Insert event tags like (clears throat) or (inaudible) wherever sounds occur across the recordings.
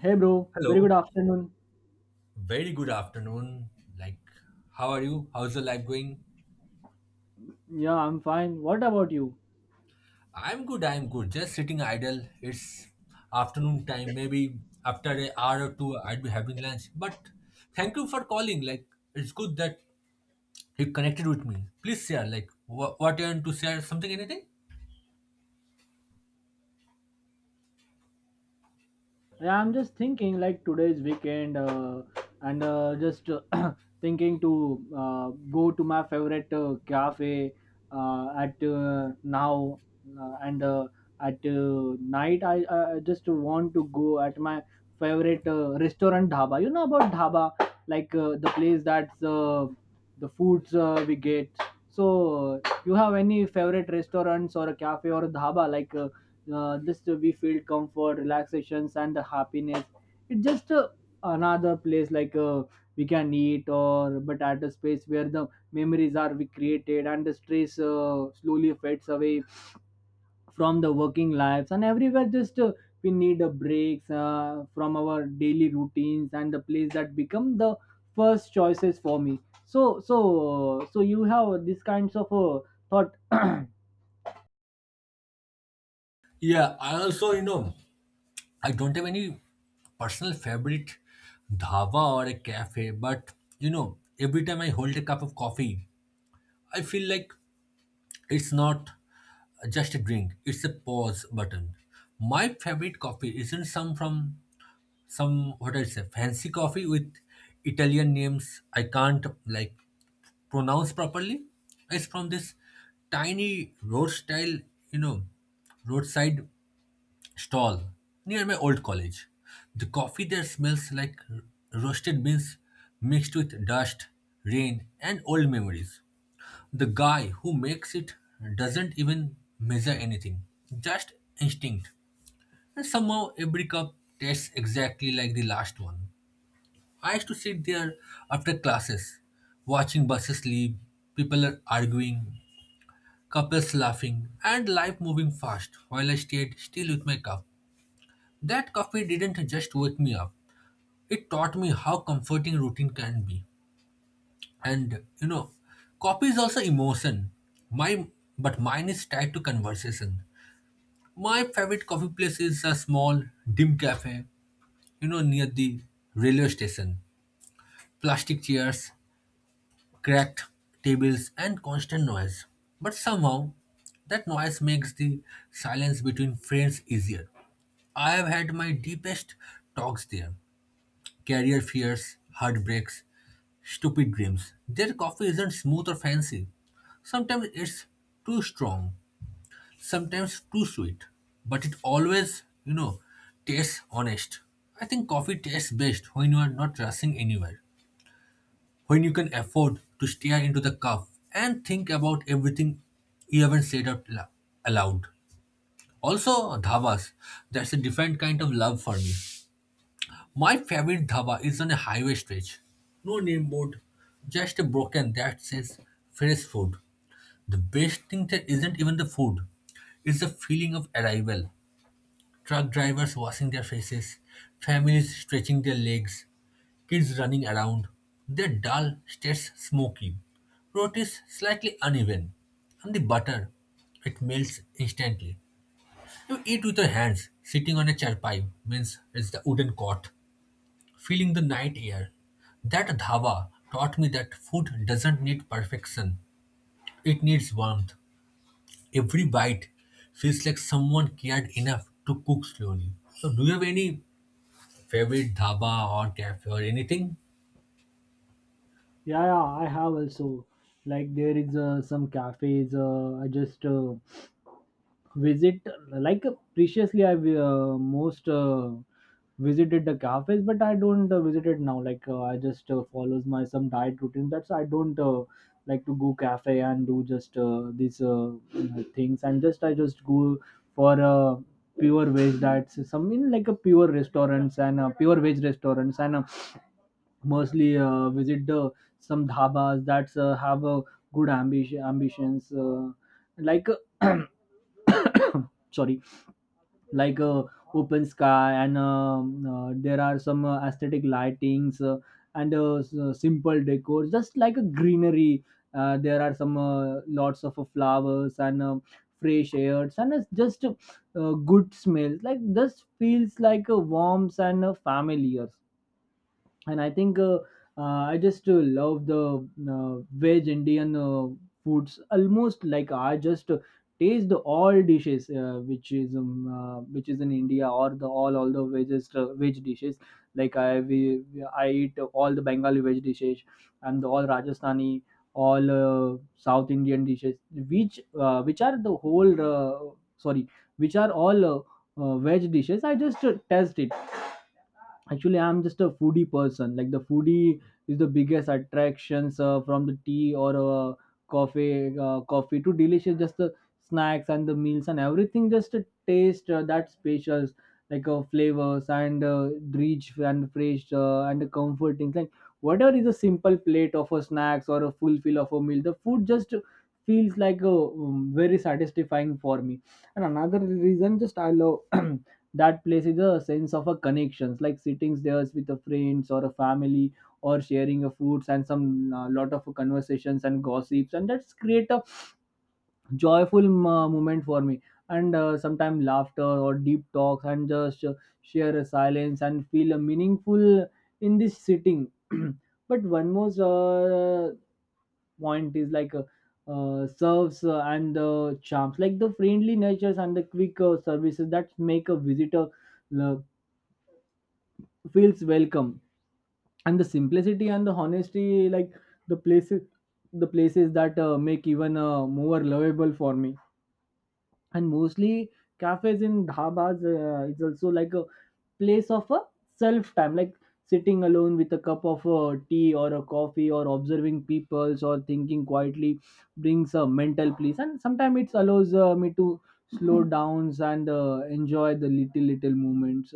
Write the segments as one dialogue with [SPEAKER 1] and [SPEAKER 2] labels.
[SPEAKER 1] Hey bro, very
[SPEAKER 2] Hello,
[SPEAKER 1] good afternoon.
[SPEAKER 2] very good afternoon. Like, how are you? How's your life going?
[SPEAKER 1] Yeah, I'm fine. What about you?
[SPEAKER 2] I'm good, I'm good. Just sitting idle. It's afternoon time. Maybe after an hour or two, I'd be having lunch. But thank you for calling. Like, it's good that you connected with me. Please share, like, what you want to share, something, anything?
[SPEAKER 1] Yeah, I'm just thinking like today's weekend and just (clears throat) thinking to go to my favorite cafe at now and at night I just want to go at my favorite restaurant dhaba. You know about dhaba like the place that's the foods we get. So you have any favorite restaurants or a cafe or a dhaba like just we feel comfort relaxations and the happiness it's just another place like we can eat or but at a space where the memories are we created and the stress slowly fades away from the working lives and everywhere just we need a breaks from our daily routines and the place that become the first choices for me so so so you have these kinds of thought. (clears throat)
[SPEAKER 2] Yeah, I also, you know, I don't have any personal favorite dhaba or a cafe, but you know, every time I hold a cup of coffee, I feel like it's not just a drink. It's a pause button. My favorite coffee isn't some from some what I say fancy coffee with Italian names I can't like pronounce properly. It's from this tiny road style, you know, roadside stall near my old college. The coffee there smells like roasted beans mixed with dust, rain, and old memories. The guy who makes it doesn't even measure anything, just instinct. And somehow every cup tastes exactly like the last one. I used to sit there after classes, watching buses leave, people are arguing, couples laughing, and life moving fast while I stayed still with my cup. That coffee didn't just wake me up, it taught me how comforting routine can be. And you know, copy is also emotion. My But mine is tied to conversation. My favorite coffee place is a small dim cafe, you know, near the railway station. Plastic chairs, cracked tables, and constant noise. But somehow, that noise makes the silence between friends easier. I have had my deepest talks there, career fears, heartbreaks, stupid dreams. Their coffee isn't smooth or fancy. Sometimes it's too strong, sometimes too sweet. But it always, you know, tastes honest. I think coffee tastes best when you are not rushing anywhere, when you can afford to stare into the cup and think about everything you haven't said aloud. Also, dhabas, that's a different kind of love for me. My favorite dhaba is on a highway stretch. No name board, just a broken that says fresh food. The best thing there isn't even the food. It's the feeling of arrival. Truck drivers washing their faces, families stretching their legs, kids running around. Their dal stares smoky. Rotis slightly uneven. And the butter, it melts instantly. You eat with your hands, sitting on a charpai means it's the wooden cot feeling the night air. That dhaba taught me that food doesn't need perfection, it needs warmth. Every bite feels like someone cared enough to cook slowly. So, do you have any favorite dhaba or cafe or anything?
[SPEAKER 1] Yeah, yeah, I have also. Like there is some cafes I just visit. Like previously, I most visited the cafes, but I don't visit it now. Like I just follows my some diet routine. That's I don't like to go cafe and do just these things. And just I just go for pure veg diets. Some in like a pure restaurants and pure veg restaurants and. Mostly visit the some dhabas that have a good ambitions like uh, (coughs) sorry, like uh, open sky and there are some aesthetic lightings simple decor just like a greenery, there are some lots of flowers and fresh airs, and it's just good smells like this feels like a warmth and familiar. And I think uh, I just love the veg Indian foods. Almost like I just taste the all dishes which is in India, or the all the veggies veg dishes, like I eat all the Bengali veg dishes and the all Rajasthani, all South Indian dishes, which are the whole sorry, which are all veg dishes I just test it. Actually, I'm just a foodie person. Like the foodie is the biggest attractions from the tea or coffee to delicious, just the snacks and the meals and everything, just a taste that specials, like flavors and rich and fresh and comforting. Like whatever is a simple plate of a snacks or a full fill of a meal, the food just feels like a very satisfying for me. And another reason just I love (clears throat) that place is a sense of a connections, like sitting there with the friends or a family or sharing a foods and some lot of conversations and gossips, and that's create a joyful moment for me. And sometimes laughter or deep talks and just share a silence and feel a meaningful in this sitting. (clears throat) But one more point is like, serves and the charms, like the friendly natures and the quick services that make a visitor uh, feels welcome, and the simplicity and the honesty, like the places the places that make even more lovable for me. And mostly cafes in dhabas is also like a place of a self time, like sitting alone with a cup of tea or a coffee, or observing peoples or thinking quietly brings a mental peace. And sometimes it allows me to slow Mhm. downs and enjoy the little little moments.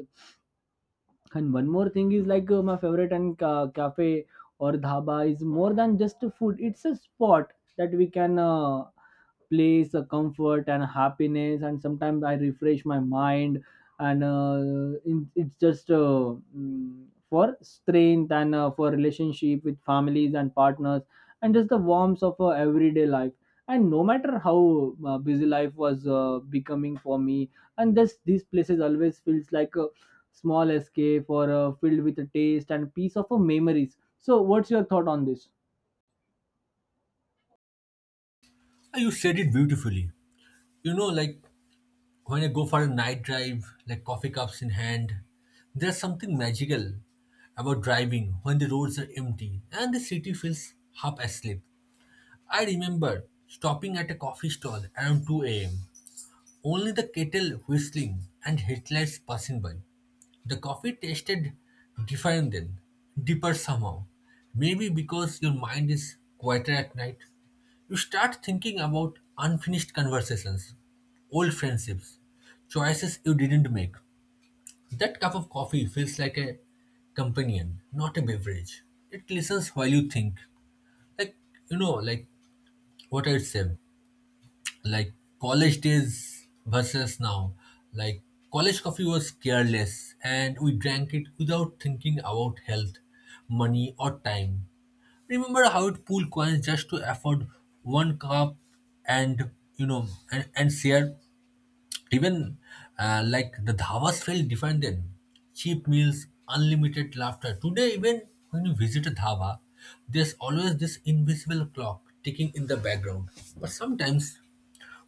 [SPEAKER 1] And one more thing is like, my favorite and cafe or dhaba is more than just a food. It's a spot that we can place a comfort and happiness, and sometimes I refresh my mind and in, it's just mm, for strength and for relationship with families and partners, and just the warmth of everyday life. And no matter how busy life was becoming for me, and this these places always feels like a small escape or filled with a taste and piece of memories. So what's your thought on this?
[SPEAKER 2] You said it beautifully. You know, like when I go for a night drive, like coffee cups in hand, there's something magical about driving when the roads are empty and the city feels half asleep. I remember stopping at a coffee stall around 2 a.m., only the kettle whistling and headlights passing by. The coffee tasted different then, deeper somehow. Maybe because your mind is quieter at night. You start thinking about unfinished conversations, old friendships, choices you didn't make. That cup of coffee feels like a companion, not a beverage. It listens while you think. Like, you know, like what I'd say, like college days versus now, like college coffee was careless, and we drank it without thinking about health, money, or time. Remember how it pool coins just to afford one cup, and you know, and share even, like the dhabas felt different then. Cheap meals, unlimited laughter. Today, even when you visit a dhaba, there's always this invisible clock ticking in the background. But sometimes,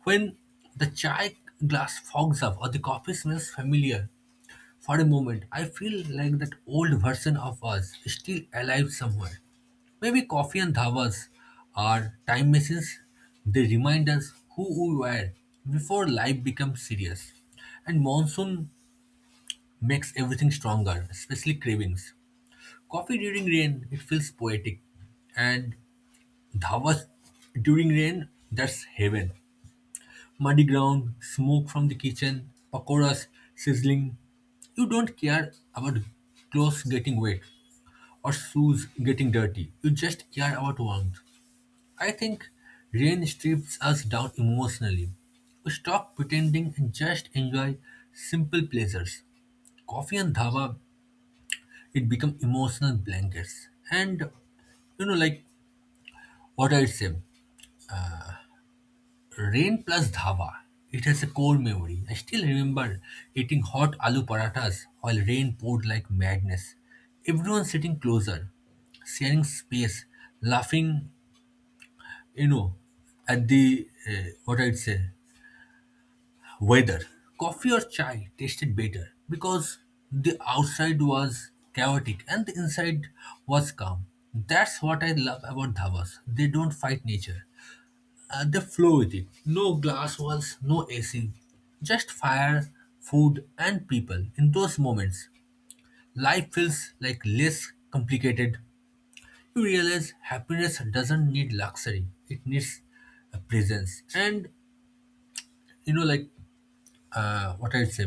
[SPEAKER 2] when the chai glass fogs up or the coffee smells familiar, for a moment, I feel like that old version of us is still alive somewhere. Maybe coffee and dhavas are time machines. They remind us who we were before life becomes serious. And monsoon makes everything stronger, especially cravings. Coffee during rain, it feels poetic. And dhavas during rain, that's heaven. Muddy ground, smoke from the kitchen, pakoras sizzling. You don't care about clothes getting wet or shoes getting dirty. You just care about warmth. I think rain strips us down emotionally. We stop pretending and just enjoy simple pleasures. Coffee and dhaba, it become emotional blankets. And you know, like what I say. Rain plus dhaba. It has a core memory. I still remember eating hot aloo parathas while rain poured like madness. Everyone sitting closer, sharing space, laughing, you know, at the, what I'd say, weather. Coffee or chai tasted better because the outside was chaotic and the inside was calm. That's what I love about dhabas. They don't fight nature. They flow with it. No glass walls, no AC, just fire, food, and people. In those moments, life feels like less complicated. You realize happiness doesn't need luxury; it needs a presence. And you know, like what I say,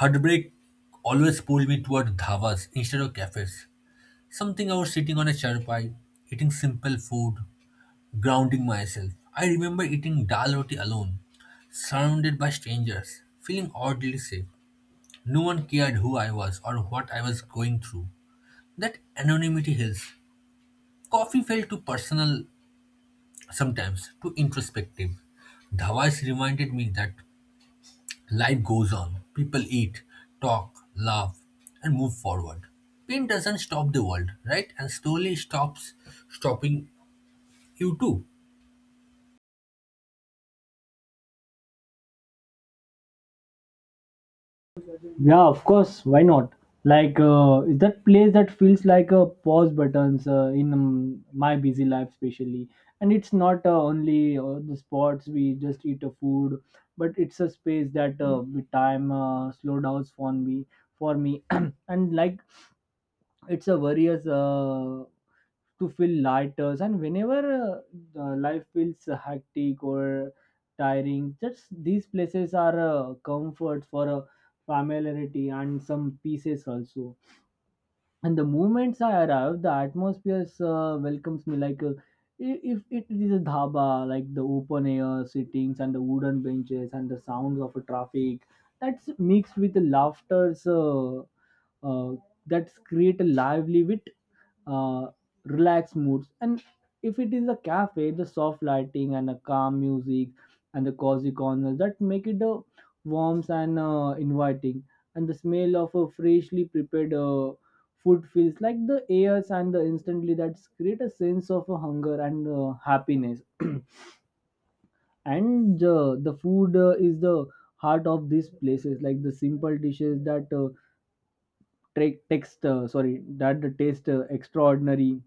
[SPEAKER 2] heartbreak always pulled me toward dhavas instead of cafes. Something I was sitting on a chair eating simple food, grounding myself. I remember eating dal roti alone, surrounded by strangers, feeling oddly safe. No one cared who I was or what I was going through. That anonymity helps. Coffee felt too personal sometimes, too introspective. Dhawais reminded me that life goes on. People eat, talk, laugh, and move forward. Pain doesn't stop the world, right? And slowly stops stopping you too.
[SPEAKER 1] Yeah, of course. Why not? Like, is that place that feels like a pause buttons in my busy life, especially. And it's not only the spots we just eat a food, but it's a space that with time slow downs for me, for me. (clears throat) And like it's a various to feel lighter, and whenever life feels hectic or tiring, just these places are comfort for a familiarity and some pieces also. And the moments I arrive, the atmosphere welcomes me like if it is a dhaba, like the open air sittings and the wooden benches and the sounds of a traffic. That's mixed with the laughter's. Uh, that create a lively with uh, relaxed moods. And if it is a cafe, the soft lighting and a calm music and the cozy corners that make it warm and inviting. And the smell of a freshly prepared food feels like the airs, and the instantly that create a sense of hunger and happiness. (clears throat) And the food is the heart of these places, like the simple dishes that take text sorry, that the taste extraordinary,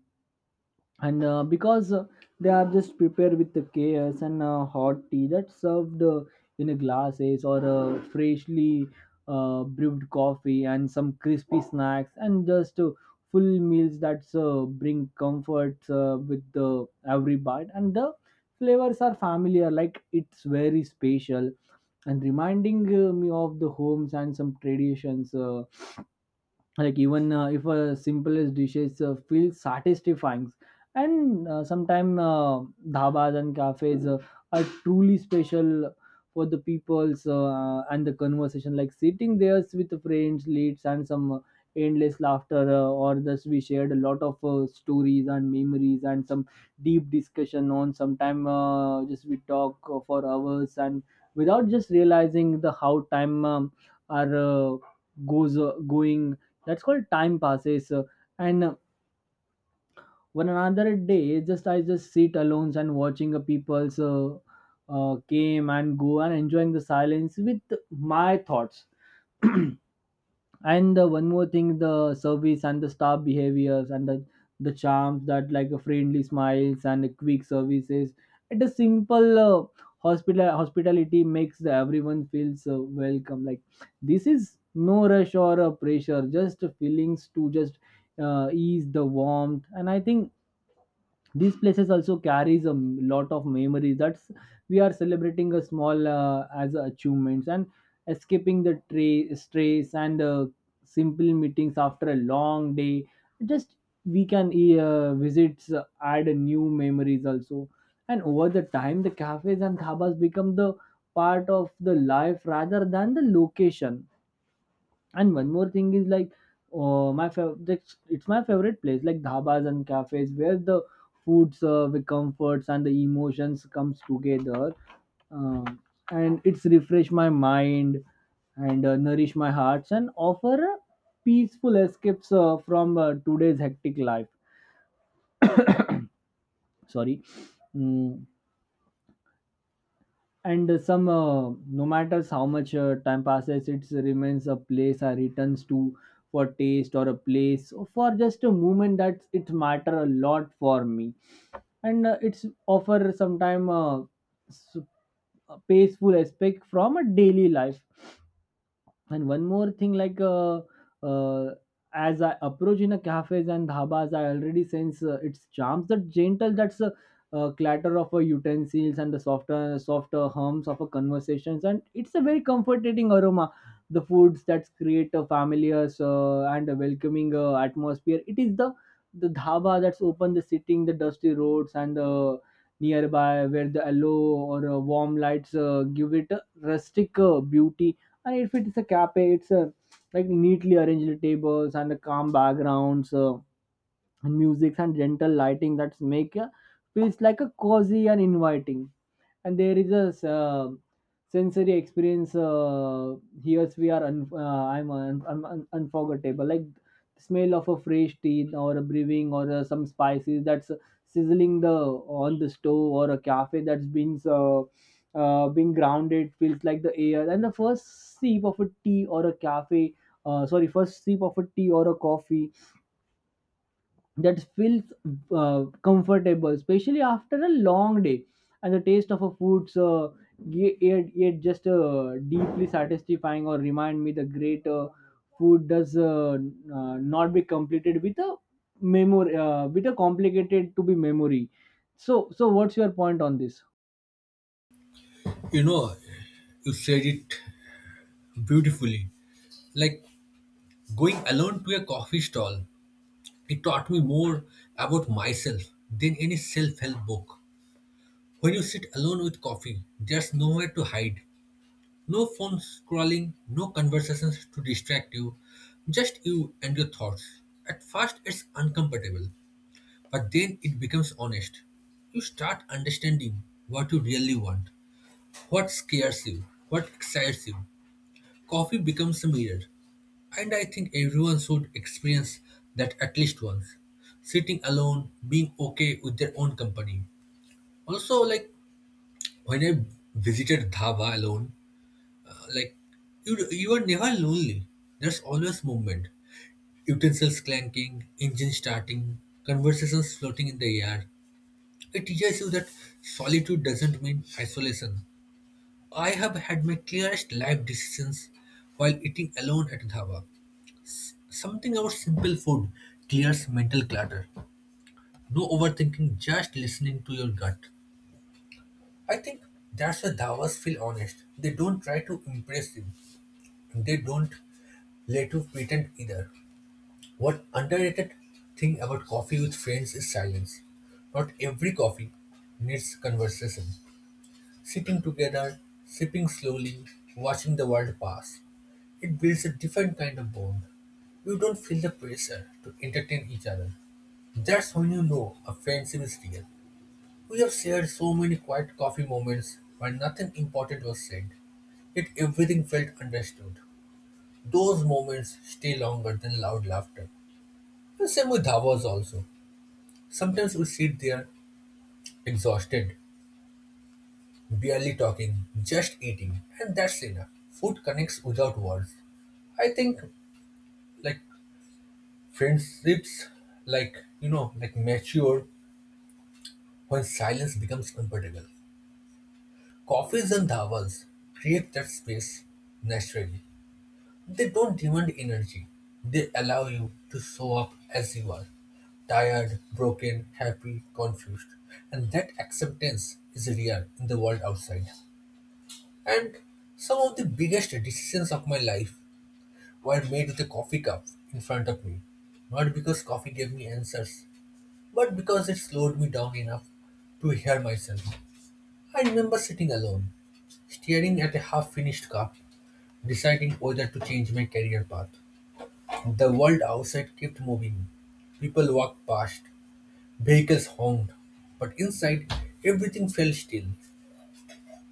[SPEAKER 1] and because they are just prepared with the chaos, and hot tea that's served in glasses, or freshly brewed coffee, and some crispy snacks, and just full meals that bring comfort with the every bite, and the flavors are familiar, like it's very special and reminding me of the homes and some traditions, like even if a simplest dishes feel satisfying. And sometimes dhabas and cafes are truly special for the people's and the conversation, like sitting there with the friends leads and some endless laughter or thus we shared a lot of stories and memories and some deep discussion on sometime, just we talk for hours, and without just realizing the how time are goes going, that's called time passes. And One another day just I just sit alone and watching a people's came and go and enjoying the silence with my thoughts. (clears throat) And one more thing, the service and the staff behaviors, and the charms that like a friendly smiles and a quick services at a simple hospitality, makes the everyone feels welcome, like this is no rush or pressure, just feelings to just ease the warmth. And I think these places also carries a lot of memories that's we are celebrating a small as achievements and escaping the stress and simple meetings after a long day, just we can visits add new memories also. And over the time the cafes and dhabas become the part of the life rather than the location. And one more thing is like, oh, my favorite, it's my favorite place, like dhabas and cafes, where the food serve the comforts and the emotions comes together, um, and it's refresh my mind and nourish my hearts and offer a peaceful escapes from today's hectic life. Sorry. Mm. And no matters how much time passes, it remains a place I returns to for taste or a place for just a moment that it matter a lot for me. And it's offer sometime s- a peaceful aspect from a daily life. And one more thing, like uh, as I approach in a cafes and dhabas, I already sense its charms. The gentle, that's a clatter of a utensils and the softer hums of a conversations, and it's a very comforting aroma. The foods that create a familiar and a welcoming atmosphere. It is the dhaba that's open, the sitting, the dusty roads, and the nearby where the yellow or warm lights give it a rustic beauty. And if it's a cafe, it's a like neatly arranged tables and calm backgrounds, and music and gentle lighting that make, feels like a cozy and inviting. And there is a sensory experience. Here I'm unforgettable, like smell of a fresh tea or a brewing, or some spices that's sizzling the on the stove, or a cafe that's been being grounded, feels like the air and the first sip of a tea or a cafe, sorry, first sip of a tea or a coffee that feels comfortable, especially after a long day. And the taste of a food's yet just deeply satisfying or remind me the great food does not be completed with a memory, with a complicated to be memory. So, what's your point on this?
[SPEAKER 2] You know, you said it beautifully. Like going alone to a coffee stall, it taught me more about myself than any self help book. When you sit alone with coffee, there's nowhere to hide, no phone scrolling, no conversations to distract you, just you and your thoughts. At first, it's uncomfortable, but then it becomes honest. You start understanding what you really want, what scares you, what excites you. Coffee becomes a mirror. And I think everyone should experience that at least once. Sitting alone, being okay with their own company. Also, like when I visited Dhaba alone, like you are never lonely. There's always movement. Utensils clanking, engine starting, conversations floating in the air. It teaches you that solitude doesn't mean isolation. I have had my clearest life decisions while eating alone at Dhaba. Something about simple food clears mental clutter. No overthinking, just listening to your gut. I think that's why dawas feel honest. They don't try to impress you, and they don't let you pretend either. What underrated thing about coffee with friends is silence. Not every coffee needs conversation. Sitting together, sipping slowly, watching the world pass. It builds a different kind of bond. You don't feel the pressure to entertain each other. That's when you know a friendship is real. We have shared so many quiet coffee moments where nothing important was said, yet everything felt understood. Those moments stay longer than loud laughter. The same with Dhawas also. Sometimes we sit there exhausted, barely talking, just eating, and that's enough. Food connects without words. I think like friendships, like you know, like mature when silence becomes comfortable. Coffees and dhavas create that space naturally. They don't demand energy. They allow you to show up as you are, tired, broken, happy, confused. And that acceptance is real in the world outside. And some of the biggest decisions of my life were made with a coffee cup in front of me. Not because coffee gave me answers, but because it slowed me down enough to hear myself. I remember sitting alone, staring at a half finished cup, deciding whether to change my career path. The world outside kept moving. People walked past, vehicles honked, but inside everything fell still.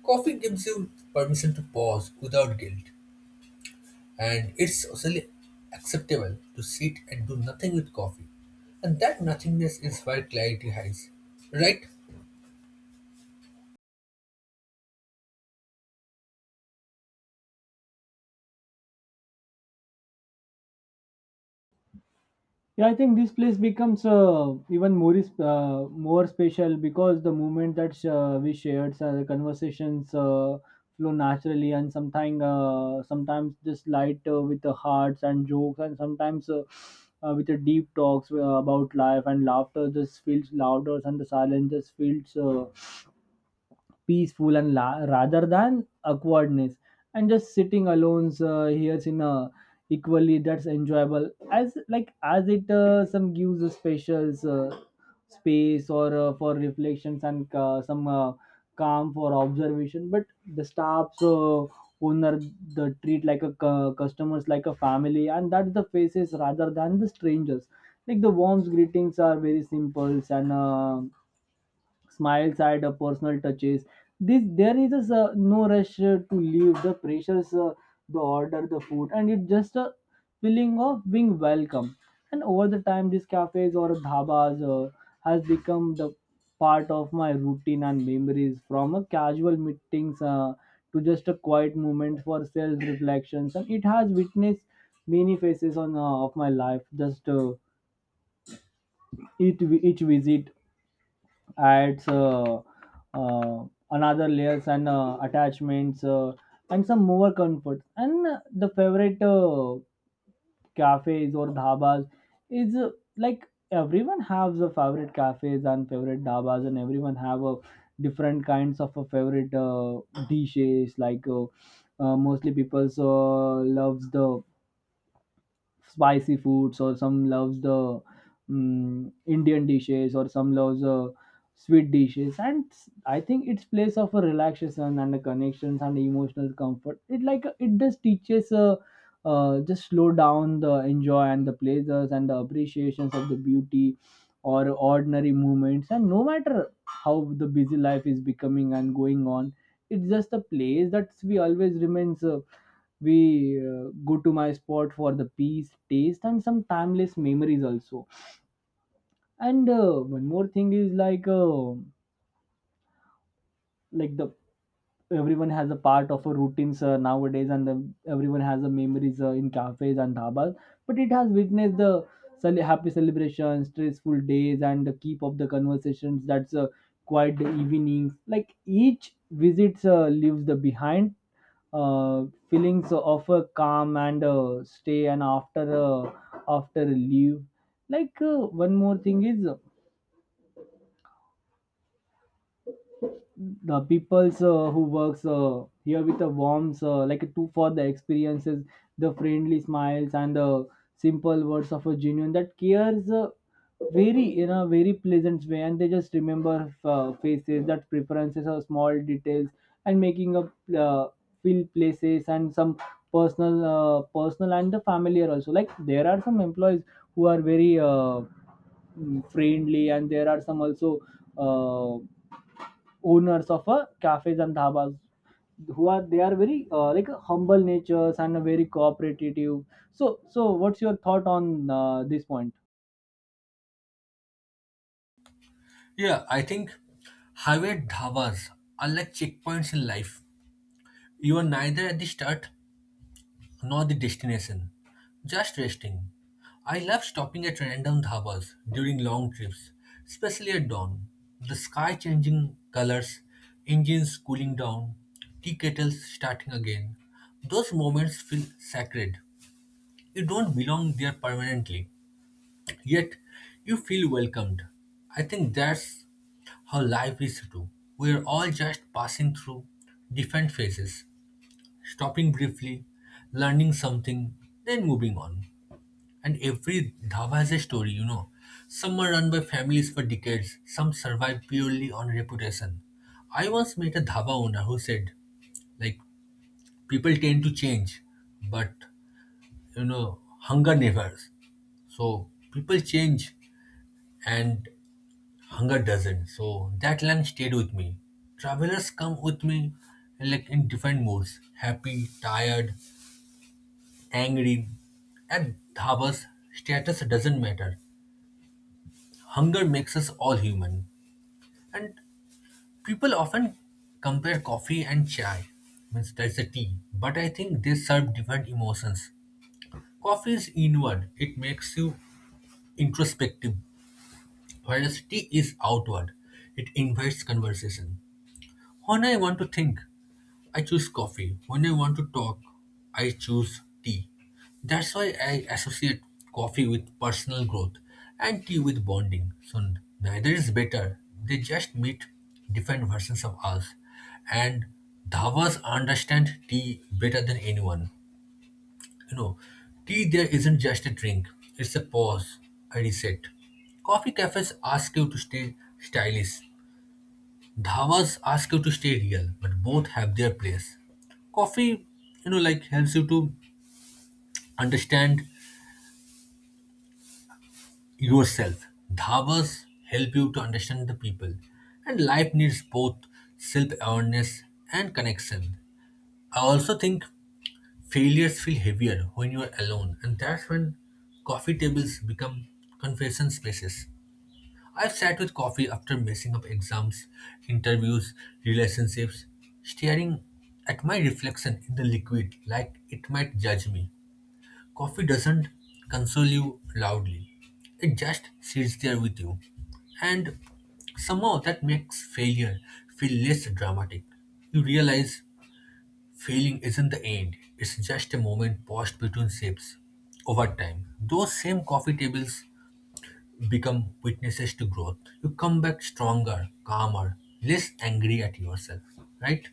[SPEAKER 2] Coffee gives you permission to pause without guilt, and it's socially acceptable to sit and do nothing with coffee. And that nothingness is where clarity hides, right?
[SPEAKER 1] Yeah, I think this place becomes even more more special because the moment that we shared the conversations flow naturally, and sometimes just light with the hearts and jokes, and sometimes with the deep talks about life, and laughter just feels louder, and the silence just feels peaceful, and rather than awkwardness. And just sitting alone here in a equally that's enjoyable as like as it some gives a special space or for reflections and some calm for observation, but the staffs owner the treat like a customers like a family, and that's the faces rather than the strangers, like the warm's greetings are very simple, and smiles at personal touches. This there is just no rush to leave. The pressures, the order, the food, and it's just a feeling of being welcome. And over the time, these cafes or dhabas has become the part of my routine and memories. From a casual meetings to just a quiet moment for self reflections, and it has witnessed many phases on of my life. Just each visit adds uh, another layers and attachments, and some more comfort, and the favorite cafes or dhabas is like everyone has a favorite cafes and favorite dhabas, and everyone have a different kinds of a favorite dishes like mostly people loves the spicy foods, or some loves the Indian dishes, or some loves sweet dishes, and I think it's place of a relaxation and a connections and emotional comfort. It like it just teaches just slow down the enjoy and the pleasures and the appreciations of the beauty or ordinary moments. And no matter how the busy life is becoming and going on, it's just a place that we always remains, we go to my spot for the peace taste and some timeless memories also. And one more thing is like the everyone has a part of a routines nowadays, and then everyone has a memories in cafes and dhabas, but it has witnessed the happy celebrations, stressful days, and the keep of the conversations that's quiet evenings, like each visit leaves the behind uh, feelings of a calm and stay, and after after leave. Like one more thing is the people's who works here with the warmth like two for the experiences, the friendly smiles and the simple words of a genuine that cares very in a very pleasant way, and they just remember faces that preferences or small details, and making up uh, feel places and some personal and the familiar also, like there are some employees who are very friendly, and there are some also uh, owners of cafes and dhabas who are they are very like humble natures and very cooperative. So, what's your thought on this point?
[SPEAKER 2] Yeah, I think highway dhabas are like checkpoints in life. You are neither at the start nor the destination, just resting. I love stopping at random dhabas during long trips, especially at dawn. The sky changing colors, engines cooling down, tea kettles starting again. Those moments feel sacred. You don't belong there permanently, yet you feel welcomed. I think that's how life is too. We are all just passing through different phases, stopping briefly, learning something, then moving on. And every dhaba has a story, you know. Some are run by families for decades, some survive purely on reputation. I once met a dhaba owner who said, like, people tend to change, but, you know, hunger never. So, people change and hunger doesn't. So, that line stayed with me. Travelers come with me, like, in different moods, happy, tired, angry, and Dhaba's status doesn't matter. Hunger makes us all human. And people often compare coffee and chai. Means that's a tea. But I think they serve different emotions. Coffee is inward, it makes you introspective, whereas tea is outward. It invites conversation. When I want to think, I choose coffee. When I want to talk, I choose tea. That's why I associate coffee with personal growth and tea with bonding. So neither is better. They just meet different versions of us. And Dhavas understand tea better than anyone. You know, tea there isn't just a drink, it's a pause, a reset. Coffee cafes ask you to stay stylish, Dhavas ask you to stay real, but both have their place. Coffee, you know, like helps you to understand yourself. Dhavas help you to understand the people. And life needs both self-awareness and connection. I also think failures feel heavier when you are alone, and that's when coffee tables become confession spaces. I've sat with coffee after messing up exams, interviews, relationships, staring at my reflection in the liquid like it might judge me. Coffee doesn't console you loudly, it just sits there with you. And somehow that makes failure feel less dramatic. You realize failing isn't the end, it's just a moment paused between sips over time. Those same coffee tables become witnesses to growth, you come back stronger, calmer, less angry at yourself, right?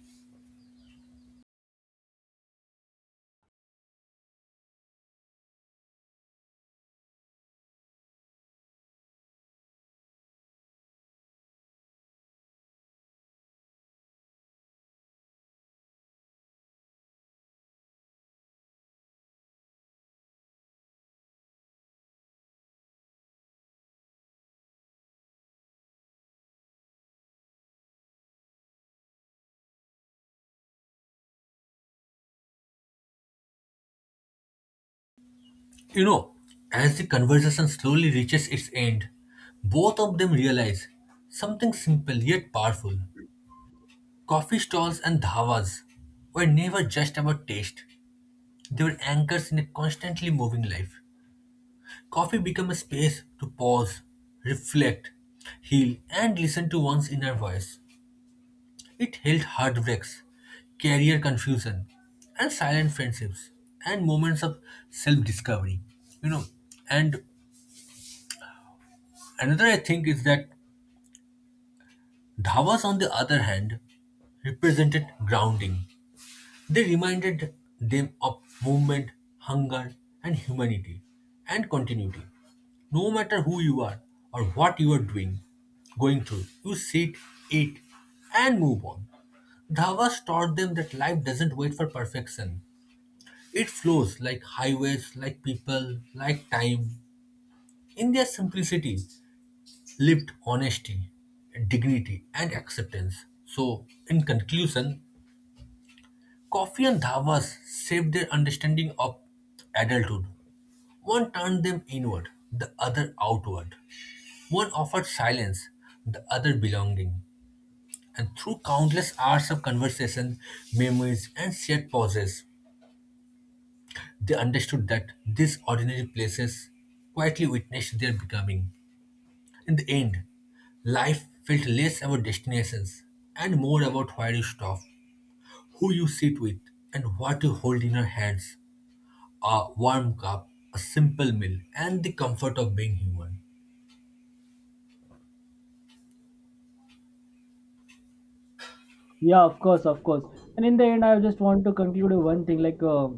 [SPEAKER 2] You know, as the conversation slowly reaches its end, both of them realize something simple yet powerful. Coffee stalls and dhavas were never just about taste, they were anchors in a constantly moving life. Coffee became a space to pause, reflect, heal, and listen to one's inner voice. It held heartbreaks, career confusion, and silent friendships, and moments of self-discovery. You know, and another I think is that dhavas, on the other hand, represented grounding. They reminded them of movement, hunger, and humanity, and continuity. No matter who you are or what you are doing, going through, you sit, eat, and move on. Dhavas taught them that life doesn't wait for perfection. It flows like highways, like people, like time. In their simplicity, lived honesty, dignity, and acceptance. So, in conclusion, coffee and dhavas shaped their understanding of adulthood. One turned them inward, the other outward. One offered silence, the other belonging. And through countless hours of conversation, memories, and shared pauses, they understood that these ordinary places quietly witnessed their becoming. In the end, life felt less about destinations and more about where you stop, who you sit with, and what you hold in your hands, a warm cup, a simple meal, and the comfort of being human.
[SPEAKER 1] Yeah, of course, of course. And in the end, I just want to conclude with one thing, like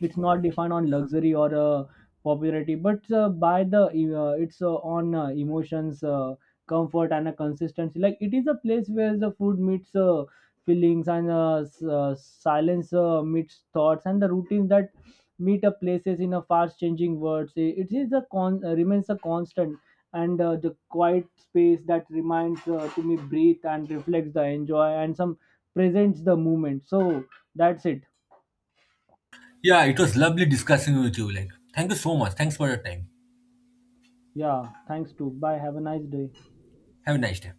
[SPEAKER 1] it's not defined on luxury or popularity, but by the it's on emotions, comfort and a consistency, like it is a place where the food meets feelings, and silence meets thoughts, and the routines that meet up places in a fast changing world. Say it is a con remains a constant, and the quiet space that reminds to me breathe and reflects the enjoy, and some presents the moment. So that's it.
[SPEAKER 2] Yeah, it was lovely discussing with you. Like, thank you so much. Thanks for your time.
[SPEAKER 1] Yeah, thanks to bye, have a nice day.
[SPEAKER 2] Have a nice day.